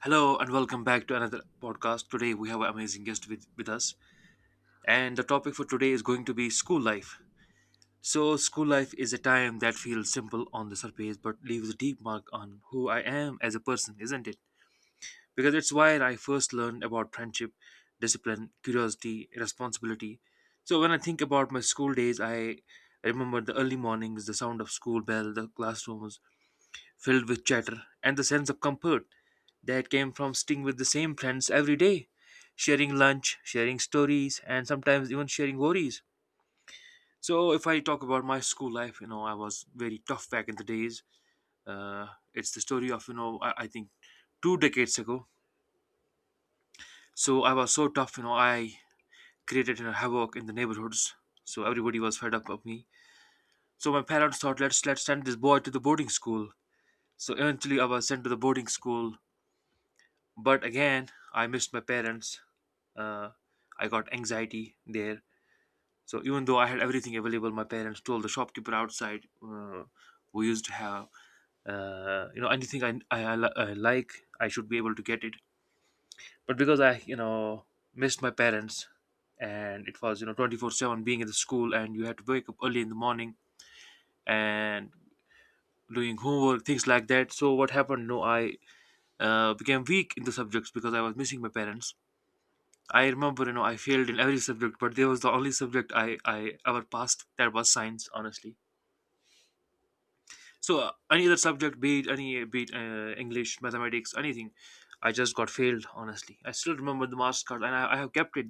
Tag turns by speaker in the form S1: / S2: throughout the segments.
S1: Hello and welcome back to another podcast. Today we have an amazing guest with us, and the topic for today is going to be school life. So, school life is a time that feels simple on the surface but leaves a deep mark on who I am as a person, isn't it? Because it's where I first learned about friendship, discipline, curiosity, responsibility. So, when I think about my school days, I remember the early mornings, the sound of school bell, the classrooms, filled with chatter and the sense of comfort that came from sitting with the same friends every day, sharing lunch, sharing stories, and sometimes even sharing worries. So, if I talk about my school life, I was very tough back in the days. Uh, it's the story of, I think two decades ago. So, I was so tough, I created havoc in the neighborhoods. So, everybody was fed up of me. So, my parents thought, let's send this boy to the boarding school. So, eventually, I was sent to the boarding school, but again I missed my parents. uh, I got anxiety there. So even though I had everything available, my parents told the shopkeeper outside, we used to have, anything I like, I should be able to get it. But because I missed my parents, and it was 24 7 being in the school, and you had to wake up early in the morning and doing homework, things like that. So what happened? No I became weak in the subjects because I was missing my parents. I remember, I failed in every subject, but there was the only subject I ever passed, that was science, honestly. So any other subject, be it English, mathematics, anything, I just got failed, honestly. I still remember the marks card, and I have kept it,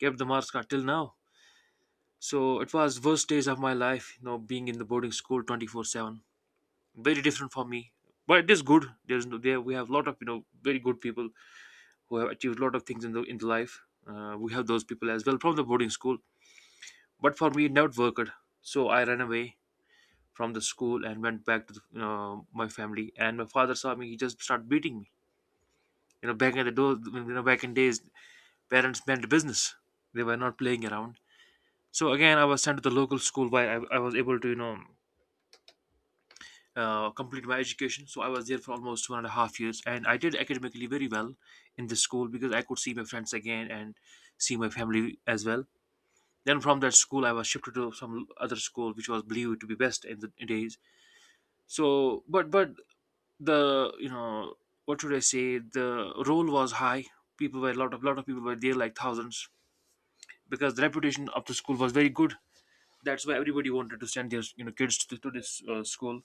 S1: kept the marks card till now. So it was worst days of my life, you know, being in the boarding school 24/7. Very different for me, but it is good. There's no, There we have a lot of very good people who have achieved a lot of things in the life. We have those people as well from the boarding school. But for me, it never worked. So I ran away from the school and went back to the, my family. And my father saw me; he just started beating me. You know, back in the do- you know back in days, parents meant business. They were not playing around. So again, I was sent to the local school where I was able to complete my education. So I was there for almost 1.5 years, and I did academically very well in the school because I could see my friends again and see my family as well. Then from that school, I was shifted to some other school, which was believed to be best in the days. So but the you know what should I say, the role was high. People were, a lot of people were there, like thousands, because the reputation of the school was very good. That's why everybody wanted to send their kids to this school.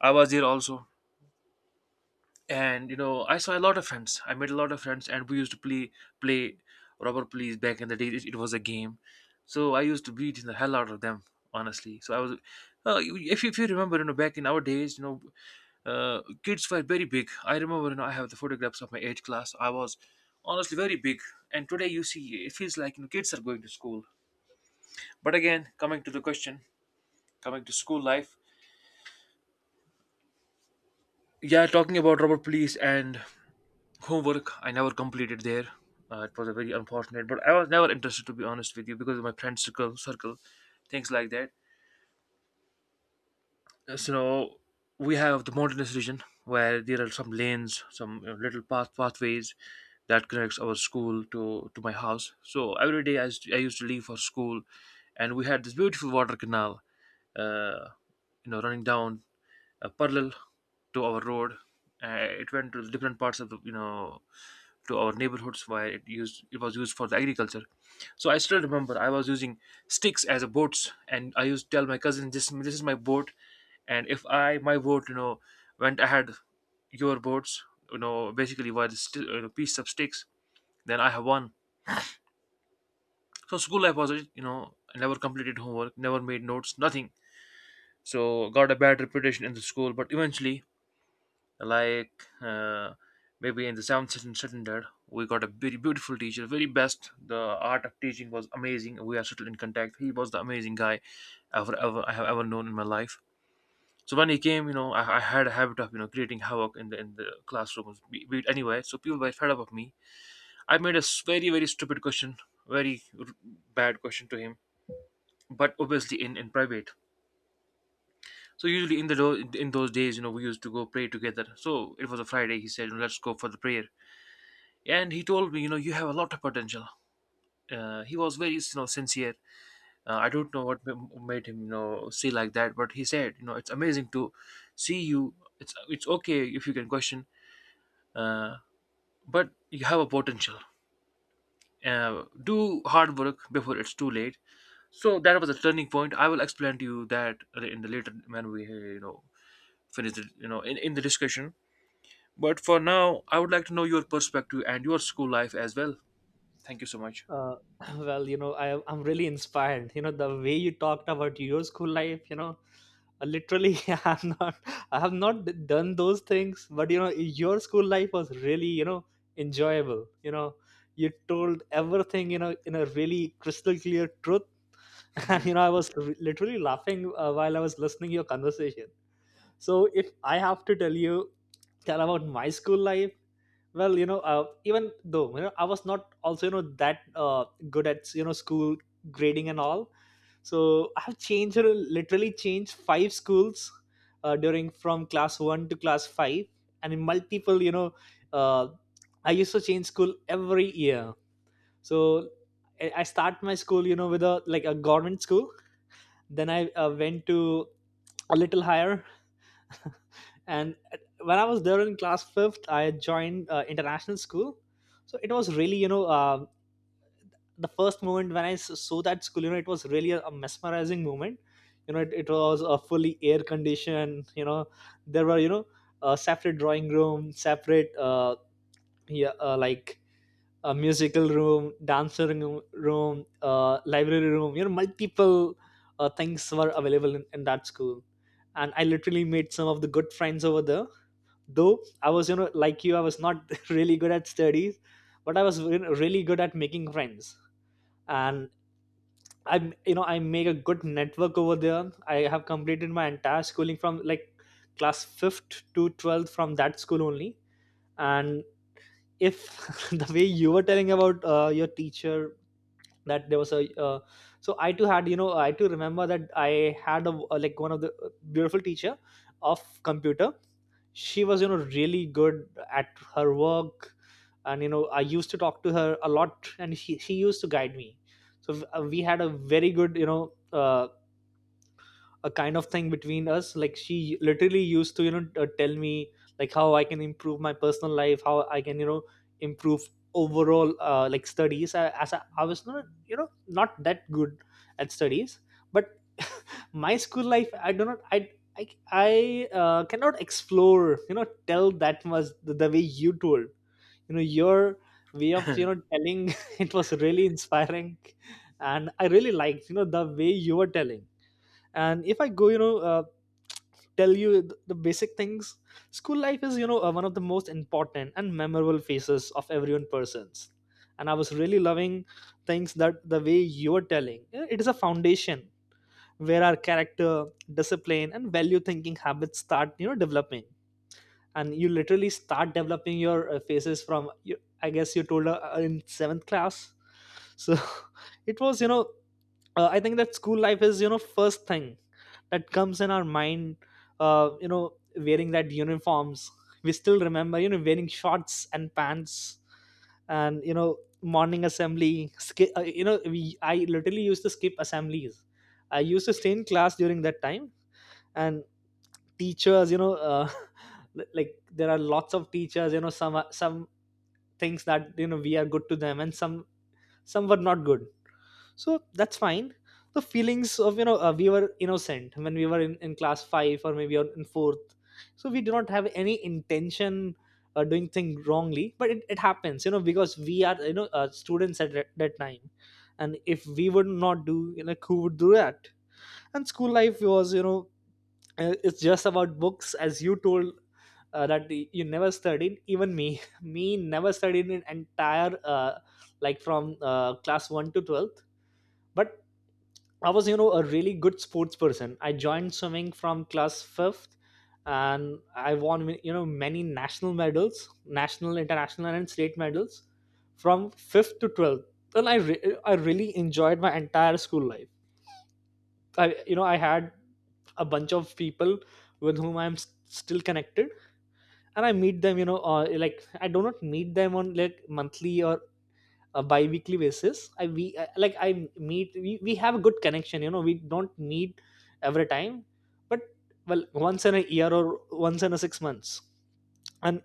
S1: I was there also, and you know I saw a lot of friends, I made a lot of friends, and we used to play robber police. Back in the day, it was a game. So I used to beat the hell out of them, honestly. So I was, if you remember, you know back in our days, kids were very big. I remember, you know, I have the photographs of my age class. I was honestly very big. And today you see, it feels like, you know, kids are going to school. But again, coming to the question, coming to school life, yeah, talking about robber police and homework, I never completed there. It was a very unfortunate, but I was never interested, to be honest with you, because of my friend circle, things like that. So we have the mountainous region where there are some lanes, some you know, little pathways that connects our school to my house. So every day I used to leave for school, and we had this beautiful water canal, uh, you know, running down parallel to our road. It went to different parts of the to our neighborhoods, where it was used for the agriculture. So I still remember I was using sticks as a boats, and I used to tell my cousin, this is my boat, and if I my boat, you know, went ahead your boats, you know, basically were the you know, piece of sticks, then I have won. So school life was it, you know, I never completed homework, never made notes, nothing. So got a bad reputation in the school, but eventually, like uh, maybe in the seventh and standard, we got a very beautiful teacher. Very best, the art of teaching was amazing. We are still in contact. He was the amazing guy ever ever I have ever known in my life. So when he came, you know, I had a habit of you know creating havoc in the classrooms, be it anywhere. So people were fed up of me. I made very stupid question, very r- bad question to him, but obviously in private. So usually in the in those days, you know, we used to go pray together. So it was a Friday. He said, let's go for the prayer. And he told me, you know, you have a lot of potential. He was very, you know, sincere. I don't know what made him, you know, see like that, but he said, you know, it's amazing to see you. It's okay if you can question, uh, but you have a potential. Do hard work before it's too late. So that was a turning point. I will explain to you that in the later, when we you know, finish the you know, in the discussion. But for now, I would like to know your perspective and your school life as well. Thank you so much.
S2: uh, well, I'm really inspired, the way you talked about your school life. Literally, I'm not, I have not done those things. But your school life was really, enjoyable. You told everything, in a really crystal clear truth. And I was literally laughing, while I was listening your conversation. So if I have to tell you, tell about my school life, well, even though I was not also that good at school grading and all, so I have changed, literally changed, five schools during from class one to class five, and in multiple, uh, I used to change school every year. So I start my school, with a like a government school. Then I went to a little higher. And when I was there in class fifth, I joined international school. So it was really, the first moment when I saw that school, it was really a mesmerizing moment. It was a fully air conditioned. There were, a separate drawing room, separate yeah, like a musical room, dancing room, library room, multiple things were available in that school. And I literally made some of the good friends over there. Though I was, like you, I was not really good at studies, but I was, really good at making friends. And I am, I make a good network over there. I have completed my entire schooling from like class 5th to 12th from that school only. And if the way you were telling about your teacher, that there was a so I too had, I too remember that I had like one of the beautiful teacher of computer. She was, really good at her work. And I used to talk to her a lot, and she used to guide me. So we had a very good, a kind of thing between us, like she literally used to, tell me like how I can improve my personal life, how I can, improve overall like studies. As I was not not that good at studies. But my school life, I do not I I cannot explore, tell that much the way you told, your way of, telling. It was really inspiring, and I really liked, the way you were telling. And if I go, tell you the basic things, school life is, one of the most important and memorable phases of everyone person's. And I was really loving things that the way you were telling. You know, it is a foundation where our character, discipline and value thinking habits start, developing. And you literally start developing your faces from you, I guess you told her in seventh class. So it was, I think that school life is, first thing that comes in our mind. uh, you know wearing that uniforms, we still remember, wearing shorts and pants. And, morning assembly skip, I literally used to skip assemblies. I used to stay in class during that time. And teachers, like there are lots of teachers, some are, some things that, we are good to them, and some were not good. So that's fine. The feelings of, we were innocent when we were in class five, or maybe in fourth. So we do not have any intention doing thing wrongly. But it happens, because we are, students at that time. And if we would not do, who would do that? And school life was, it's just about books, as you told, that you never studied. Even me me never studied in entire like from class 1 to 12th. But I was, a really good sports person. I joined swimming from class fifth, and I won, many national medals, national, international, and state medals from fifth to 12th. And I really enjoyed my entire school life. I, I had a bunch of people with whom I'm still connected, and I meet them, like I do not meet them on like monthly or a bi-weekly basis. Like I meet, we have a good connection. We don't meet every time. But well, once in a year or once in a 6 months. And,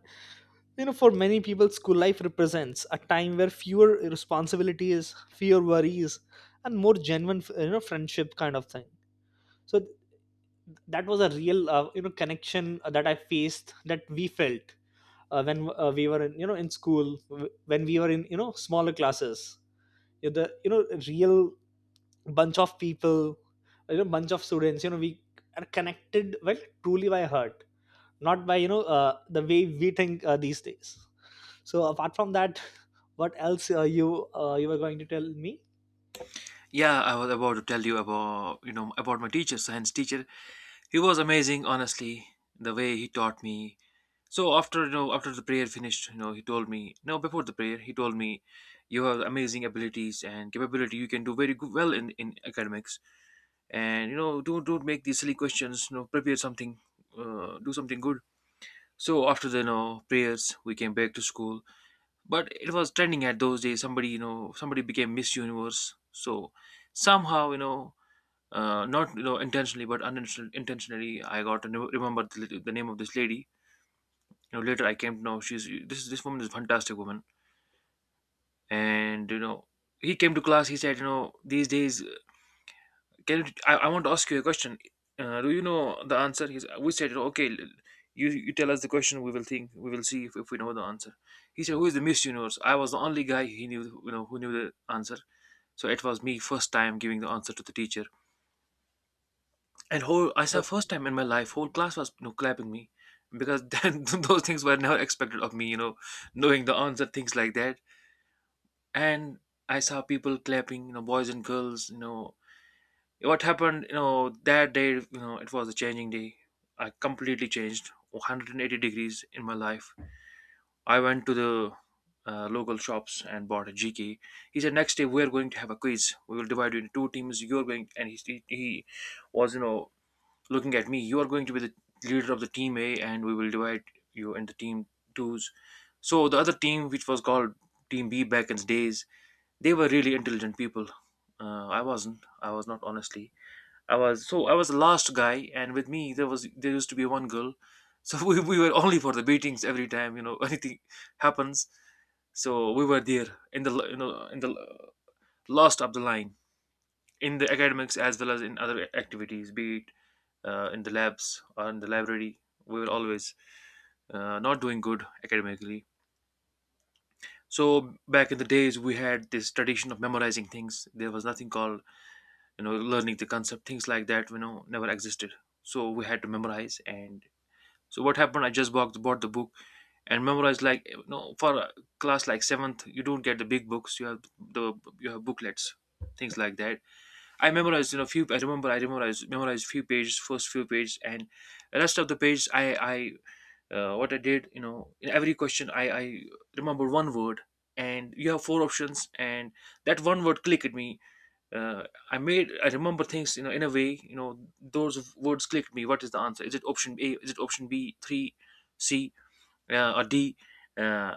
S2: for many people school life represents a time where fewer responsibilities, fewer worries, and more genuine, friendship kind of thing. So that was a real connection that I faced, that we felt, when we were in, in school, when we were in, smaller classes. You know, the you know real bunch of people, bunch of students, we are connected well, truly by heart, not by, the way we think these days. So apart from that, what else, you were going to tell me?
S1: Yeah, I was about to tell you about you know about my teacher, science teacher. He was amazing, honestly, the way he taught me. So after you know after the prayer finished, you know he told me, no, before the prayer he told me, you have amazing abilities and capability. You can do very good, well in academics, and you know don't make these silly questions. You know, prepare something, do something good. So after the you know prayers, we came back to school. But it was trending at those days. Somebody you know somebody became Miss Universe. So somehow, you know, not you know intentionally but unintentionally intentionally, I got to remember the name of this lady. You know, later I came to know, she's this this woman is a fantastic woman. And you know, he came to class, he said, you know, these days, can you, I want to ask you a question. Do you know the answer? He's, we said, okay, you you tell us the question, we will think, we will see if we know the answer. He said, who is the Miss Universe? I was the only guy he knew, you know, who knew the answer. So it was me, first time giving the answer to the teacher. And whole, I saw first time in my life, whole class was, you know, clapping me, because then those things were never expected of me. You know, knowing the answer, things like that. And I saw people clapping. You know, boys and girls. You know, what happened? You know, that day. You know, it was a changing day. I completely changed 180 degrees in my life. I went to the local shops and bought a GK. He said, next day we're going to have a quiz. We will divide you into two teams. You're going, and he was, you know, looking at me, you are going to be the leader of the team A, and we will divide you into team twos. So the other team, which was called Team B back in the days, they were really intelligent people. I wasn't. I was not, honestly. I was the last guy, and with me there used to be one girl. So we were only for the beatings every time, anything happens. So we were there in the l- you know in the l- last of the line in the academics as well as in other activities, be it in the labs or in the library. We were always not doing good academically. So back in the days, we had this tradition of memorizing things. There was nothing called, learning the concept. Things like that, never existed. So we had to memorize. And so what happened? I just bought the book and memorized, like, for a class like seventh, you don't get the big books. You have the you have booklets, things like that. I memorized, few. I remember I memorized few pages, first few pages, and the rest of the pages, I, what I did, in every question I remember one word, and you have four options, and that one word clicked me. Uh, I remember things, in a way, those words clicked me. What is the answer? Is it option A? Is it option B? Three, C, or D? Uh,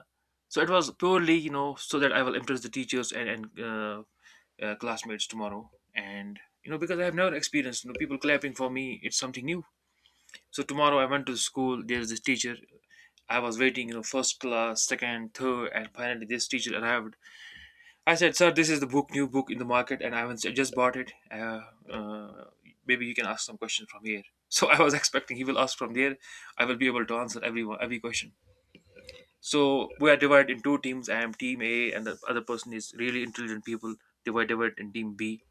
S1: so it was purely, so that I will impress the teachers and classmates tomorrow, and because I have never experienced, people clapping for me. It's something new. So tomorrow I went to school. There's this teacher. I was waiting, you know, first class, second, third, and finally this teacher arrived. I said, "Sir, this is the book, new book in the market, and I haven't I just bought it. Uh, Maybe you can ask some questions from here." So I was expecting he will ask from there. I will be able to answer every question. So we are divided in two teams. I am team A, and the other person is really intelligent people. They were divided in team B.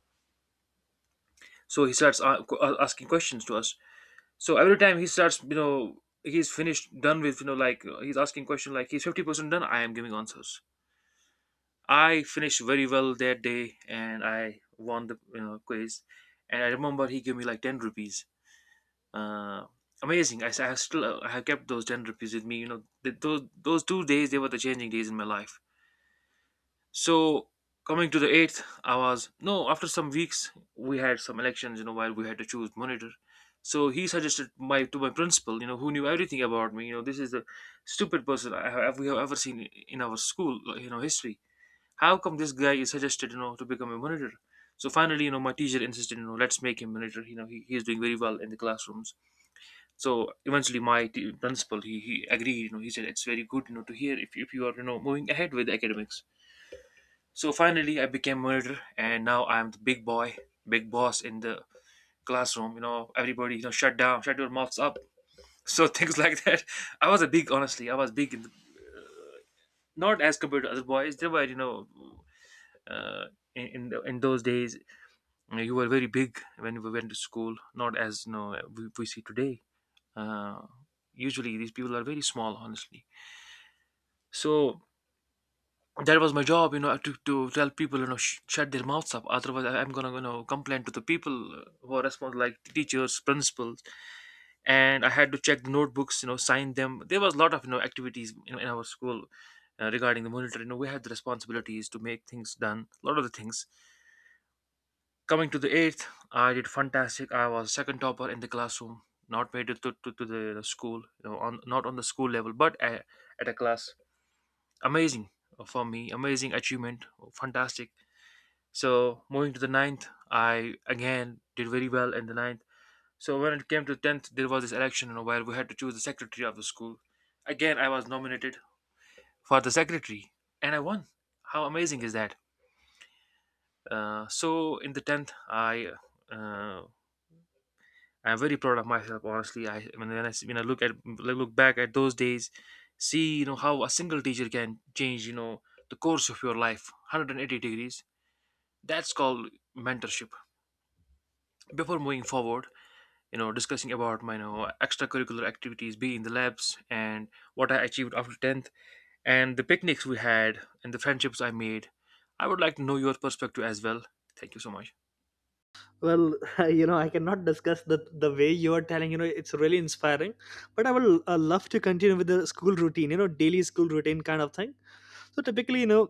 S1: So he starts asking questions to us. So every time he starts, he's finished, done with, he's asking question, like, he's 50% done, I am giving answers. I finished very well that day, and I won the, quiz. And I remember he gave me like 10 rupees. uh Amazing. I have still I have kept those 10 rupees with me, you know. Those 2 days, they were the changing days in my life. So coming to the eighth, I was no. After some weeks, we had some elections. You know, while we had to choose monitor. So he suggested my to my principal. You know, who knew everything about me. You know, this is the stupid person I have we have ever seen in our school. You know, history. How come this guy is suggested, you know, to become a monitor? So finally, you know, my teacher insisted, you know, let's make him monitor. You know, he is doing very well in the classrooms. So eventually, my principal, he agreed. You know, he said it's very good, you know, to hear, if you are, you know, moving ahead with academics. So finally, I became monitor, and now I'm the big boy, big boss in the classroom. You know, everybody, you know, shut down, shut your mouths up. So things like that. I was a big, honestly, I was big in the, not as compared to other boys. They were, you know, uh, the, in those days, you know, you were very big when we went to school. Not as we see today. Uh, Usually, these people are very small, honestly. So that was my job, you know, to tell people, you know, shut their mouths up. Otherwise I'm gonna, you know, complain to the people who are responsible, like teachers, principals. And I had to check the notebooks, you know, sign them. There was a lot of, you know, activities in our school, regarding the monitor. You know, we had the responsibilities to make things done, a lot of the things. Coming to the eighth, I did fantastic. I was second topper in the classroom. Not made it to the school, you know, on, not on the school level, but at a class. Amazing. For me, amazing achievement. Fantastic. So moving to the ninth, I again did very well in the ninth. So when it came to tenth, there was this election, you know, where we had to choose the secretary of the school. Again, I was nominated for the secretary, and I won. How amazing is that? So in the tenth, I, uh, I'm very proud of myself. Honestly, I when when I look at, like, look back at those days, see, you know, how a single teacher can change, you know, the course of your life 180 degrees. That's called mentorship. Before moving forward, you know, discussing about my, you know, extracurricular activities, be in the labs, and what I achieved after 10th, and the picnics we had, and the friendships I made, I would like to know your perspective as well. Thank you so much.
S2: Well, I cannot discuss the way you are telling. It's really inspiring. But I will love to continue with the school routine, daily school routine kind of thing. So typically,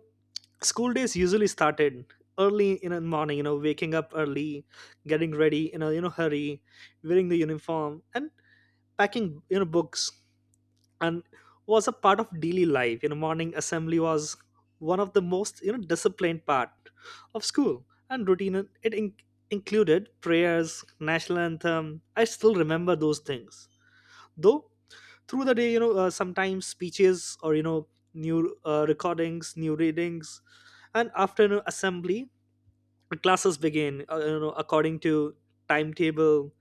S2: school days usually started early in the morning, waking up early, getting ready in a, hurry, wearing the uniform and packing, books, and was a part of daily life. Morning assembly was one of the most, disciplined part of school and routine. it in- included prayers, national anthem. I still remember those things. Though through the day, sometimes speeches or, new recordings, new readings, and afternoon assembly. Classes begin, according to timetable.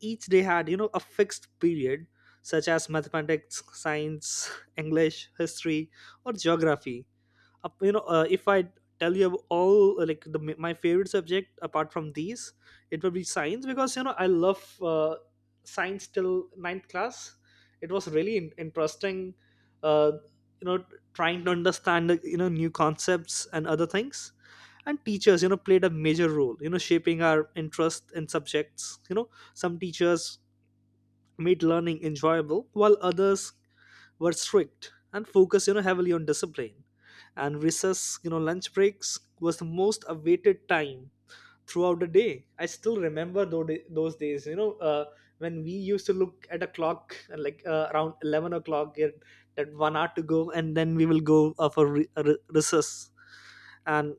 S2: Each day had, a fixed period, such as mathematics, science, English, history or geography. If I tell you all, like the, my favorite subject apart from these, it will be science, because I love uh, science till ninth class. It was really interesting. uh, you know trying to understand, new concepts and other things. And teachers, played a major role, shaping our interest in subjects. Some teachers made learning enjoyable, while others were strict and focused, heavily on discipline. And recess, lunch breaks was the most awaited time throughout the day. I still remember those days, when we used to look at a clock and like around 11 o'clock, get that 1 hour to go, and then we will go for recess. And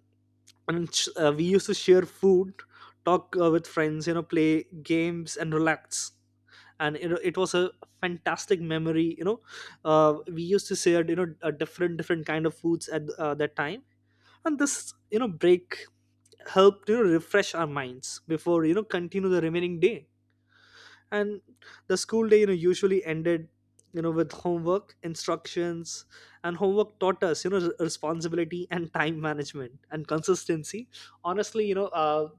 S2: we used to share food, talk with friends, play games and relax. And, it was a fantastic memory. We used to share, different different kind of foods at that time. And this, break helped, refresh our minds before, continue the remaining day. And the school day, usually ended, with homework instructions. And homework taught us, responsibility and time management and consistency. Honestly,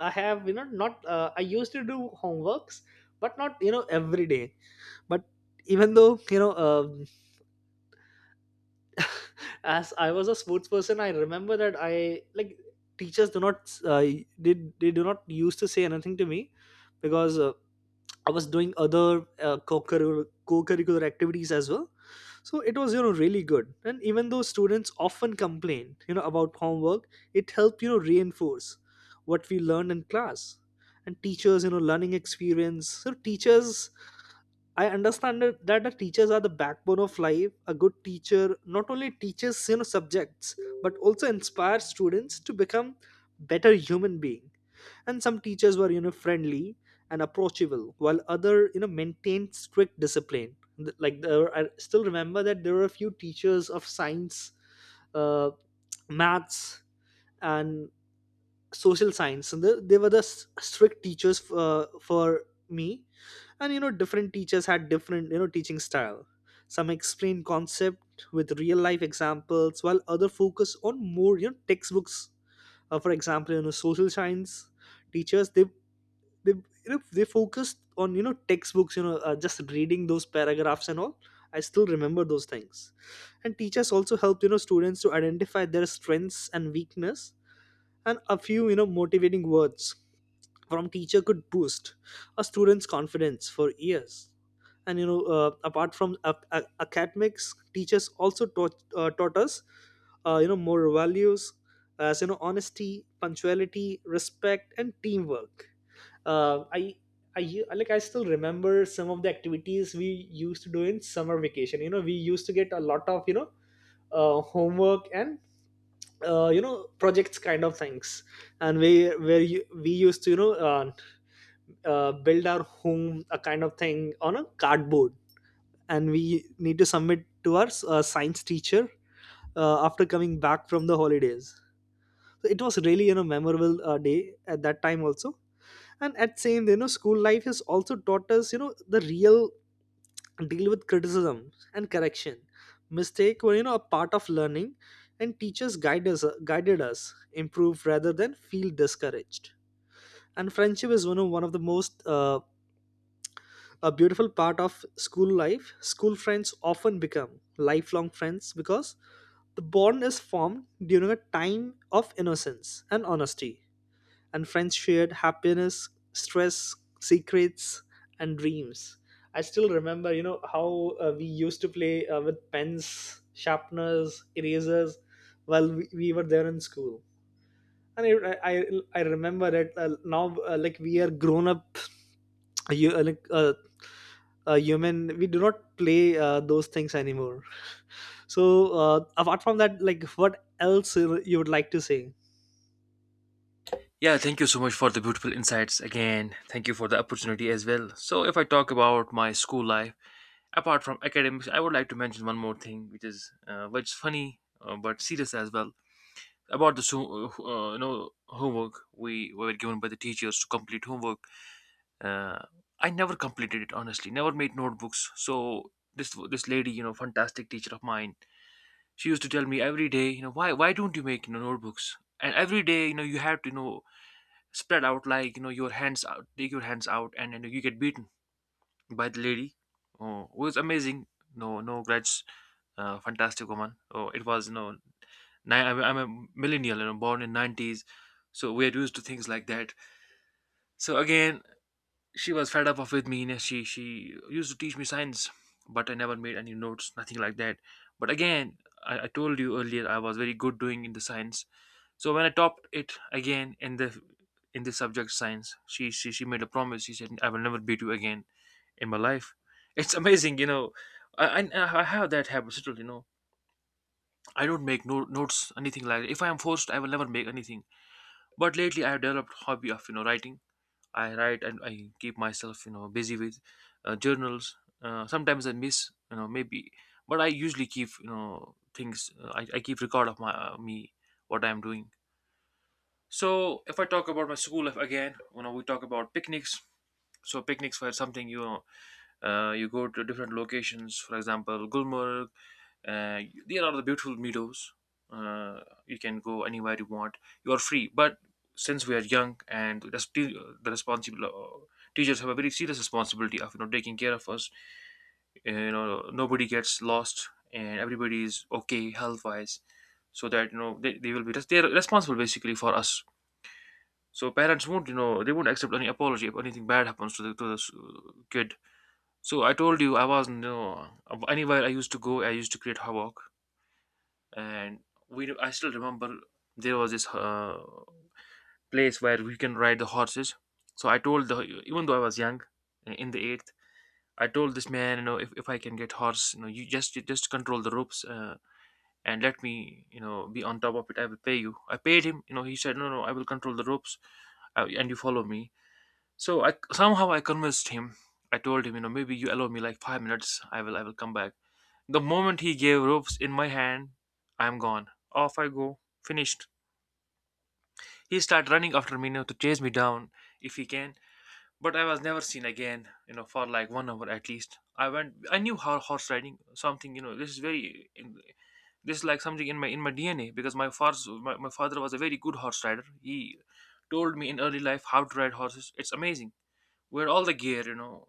S2: I have, not I used to do homeworks, but not, every day. But even though, as I was a sports person, I remember that I like teachers do not, they, they do not used to say anything to me, because I was doing other co-curricular activities as well. So it was, really good. And even though students often complain, about homework, it helped, reinforce what we learned in class. And teachers, learning experience. So teachers, I understand that the teachers are the backbone of life. A good teacher not only teaches, subjects, but also inspires students to become better human being. And some teachers were, friendly and approachable, while other, maintained strict discipline. Like there were, I still remember that there were a few teachers of science, uh, maths, and social science. And they were the strict teachers for me. And, different teachers had different, teaching style. Some explain concept with real life examples, while other focus on more, textbooks. For example, social science teachers, they, they focused on, textbooks, just reading those paragraphs and all. I still remember those things. And teachers also helped, students to identify their strengths and weakness. And a few, motivating words from teacher could boost a student's confidence for years. And, apart from academics, teachers also taught, taught us more values, as, honesty, punctuality, respect and teamwork. uh, I like I still remember some of the activities we used to do in summer vacation. You know, we used to get a lot of, homework and, projects kind of things, and we where you, we used to, build our home a kind of thing on a cardboard, and we need to submit to our science teacher after coming back from the holidays. So it was really, memorable day at that time also. And at same, school life has also taught us, the real deal with criticism and correction. Mistake were, a part of learning, and teachers guided us improve rather than feel discouraged. And friendship is one of the most a beautiful part of school life. School friends often become lifelong friends, because the bond is formed during a time of innocence and honesty. And friends shared happiness, stress, secrets, and dreams. I still remember, you know, how we used to play with pens, sharpeners, erasers while we were there in school. And I, I I remember it now, like we are grown up, you, uh, like uh, a human, we do not play those things anymore. So apart from that, like what else you would like to say?
S1: Yeah, thank you so much for the beautiful insights. Again, thank you for the opportunity as well. So if I talk about my school life, apart from academics, I would like to mention one more thing, which is funny, but serious as well. About the you know, homework. We were given by the teachers to complete homework. uh, I never completed it, honestly. Never made notebooks. So this lady, you know, fantastic teacher of mine, she used to tell me every day, you know, why don't you make, you know, notebooks? And every day, you know, you have to, you know, spread out, like, you know, your hands out, take your hands out, and, you know, you get beaten by the lady. Oh, it was amazing. No No grudge. Fantastic woman. Oh, it was, you know, I'm a millennial, you know, born in 90s, so we're used to things like that. So again, she was fed up of with me, and she used to teach me science, but I never made any notes, nothing like that. But again, I told you earlier, I was very good doing in the science. So when I topped it again in the, in the subject science, she made a promise. She said, I will never beat you again in my life. It's amazing, you know. I have that habit still, you know, I don't make no, notes, anything like that. If I am forced, I will never make anything. But lately I have developed hobby of, you know, writing. I write and I keep myself, you know, busy with journals. Sometimes I miss, you know, maybe, but I usually keep, you know, things. I keep record of my me what I'm doing. So if I talk about my school life again, you know, we talk about picnics. So picnics were something, you know, you go to different locations, for example, Gulmarg. Uh, there are the beautiful meadows. Uh, you can go anywhere you want. You are free. But since we are young, and the responsible teachers have a very serious responsibility of, you know, taking care of us. You know, nobody gets lost and everybody is okay health wise, so that, you know, they will be they're responsible basically for us. So parents won't, you know, they won't accept any apology if anything bad happens to the kid. So I told you I was no. Anywhere I used to go, I used to create havoc, and we. I still remember there was this place where we can ride the horses. So I told the even though I was young, in the eighth, I told this man, you know, if I can get horse, you know, you just control the ropes, and let me, you know, be on top of it. I will pay you. I paid him. You know, he said, no, no, I will control the ropes, and you follow me. So I convinced him. I told him, you know, maybe you allow me like 5 minutes. I will come back. The moment he gave ropes in my hand, I'm gone. Off I go. Finished. He started running after me now to chase me down, if he can. But I was never seen again, you know, for like 1 hour at least. I went. I knew how horse riding something, This is This is like something in my DNA because my father was a very good horse rider. He told me in early life how to ride horses. It's amazing. Where all the gear,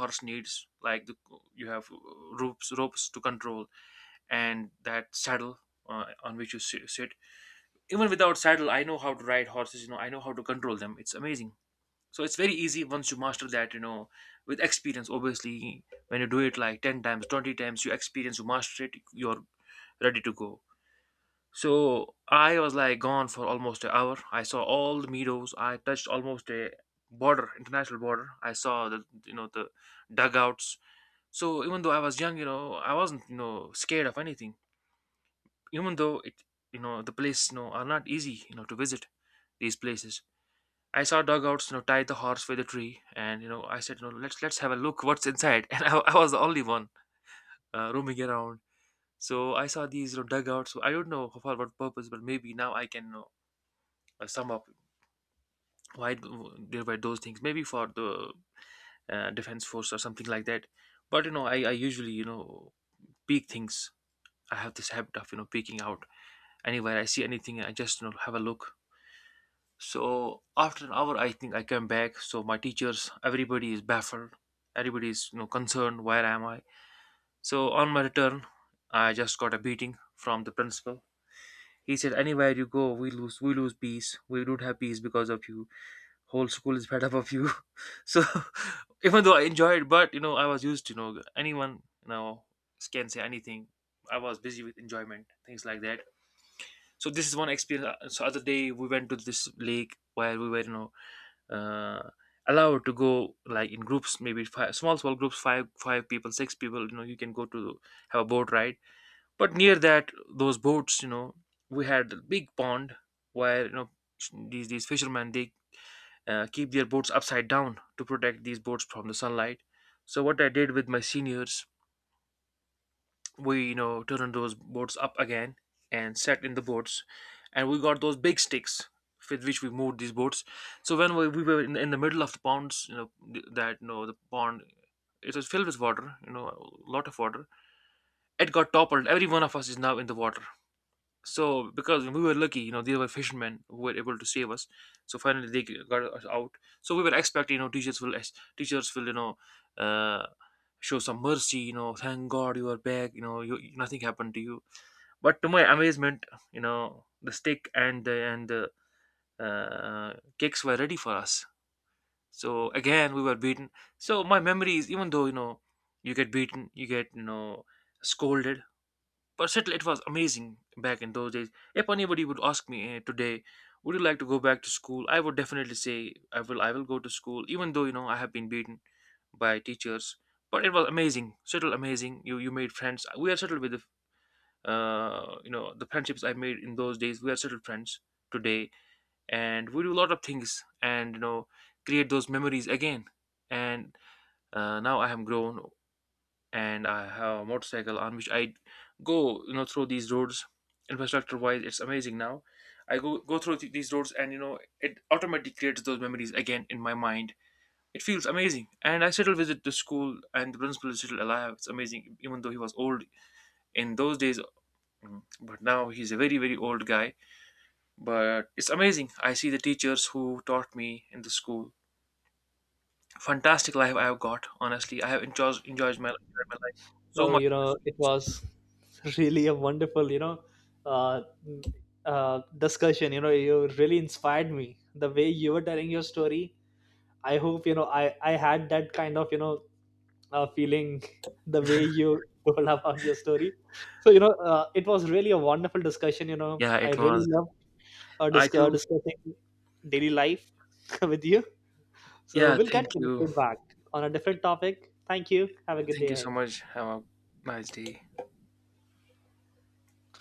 S1: horse needs, like the, you have ropes to control and that saddle on which you sit. Even without saddle, I know how to ride horses. I know how to control them. It's amazing. So it's very easy once you master that. With experience, obviously, when you do it like 10 times, 20 times, you experience, you master it, you're ready to go. So I was like gone for almost an hour. I saw all the meadows. I touched almost a border, international border. I saw the you know the dugouts. So even though I was young, I wasn't scared of anything, even though it, the place, are not easy, to visit these places. I saw dugouts, tie the horse with a tree, and I said, let's have a look what's inside. And I was the only one roaming around. So I saw these, dugouts. So I don't know for what purpose, but maybe now I can, sum up why there were those things, maybe for the defense force or something like that. But I usually, peek things. I have this habit of peeking out. Anywhere I see anything, I just, have a look. So after an hour, I think I came back. So my teachers, everybody is baffled. Everybody is, concerned. Where am I? So on my return, I just got a beating from the principal. He said, "Anywhere you go, we lose. We lose peace. We don't have peace because of you. Whole school is fed up of you." So even though I enjoyed, but I was used to, anyone, can say anything. I was busy with enjoyment, things like that. So this is one experience. So other day we went to this lake where we were uh, allowed to go like in groups, maybe five small small groups, five five people, six people, you can go to have a boat ride. But near that, those boats, we had a big pond where, these fishermen, they keep their boats upside down to protect these boats from the sunlight. So what I did with my seniors, we turned those boards up again and sat in the boards, and we got those big sticks with which we moved these boards. So when we were in the middle of the ponds, that, the pond, it was filled with water, a lot of water. It got toppled. Every one of us is now in the water. So, because we were lucky, they were fishermen who were able to save us. So finally, they got us out. So we were expecting, teachers will, uh, show some mercy. Thank God you are back. Nothing happened to you. But to my amazement, the stick and the cakes were ready for us. So again, we were beaten. So my memory is, even though, you get beaten, you get, scolded, but still, it was amazing back in those days. If anybody would ask me today, would you like to go back to school? I would definitely say I will go to school, even though I have been beaten by teachers. But it was amazing, still amazing. You made friends. We are settled with the you know the friendships I made in those days. We are settled friends today, and we do a lot of things, and create those memories again. And now I am grown and I have a motorcycle on which I go, through these roads. Infrastructure wise, it's amazing now. I go through these roads, and it automatically creates those memories again in my mind. It feels amazing, and I still visit the school, and the principal is still alive. It's amazing, even though he was old in those days. But now he's a very very old guy. But it's amazing. I see the teachers who taught me in the school. Fantastic life I have got. Honestly, I have enjoyed my life so
S2: Well,
S1: much in the
S2: it
S1: school.
S2: was really a wonderful, uh, discussion. You really inspired me the way you were telling your story. I hope, I had that kind of, feeling the way you told about your story. So, you know, it was really a wonderful discussion. You know,
S1: Yeah,
S2: I
S1: it
S2: really
S1: was.
S2: love
S1: I too.
S2: discussing daily life with you. So,
S1: Yeah,
S2: we'll get
S1: thank you.
S2: connected back on a different topic. Thank you. Have a good
S1: Thank
S2: day
S1: you so
S2: ahead.
S1: much. Have a nice day.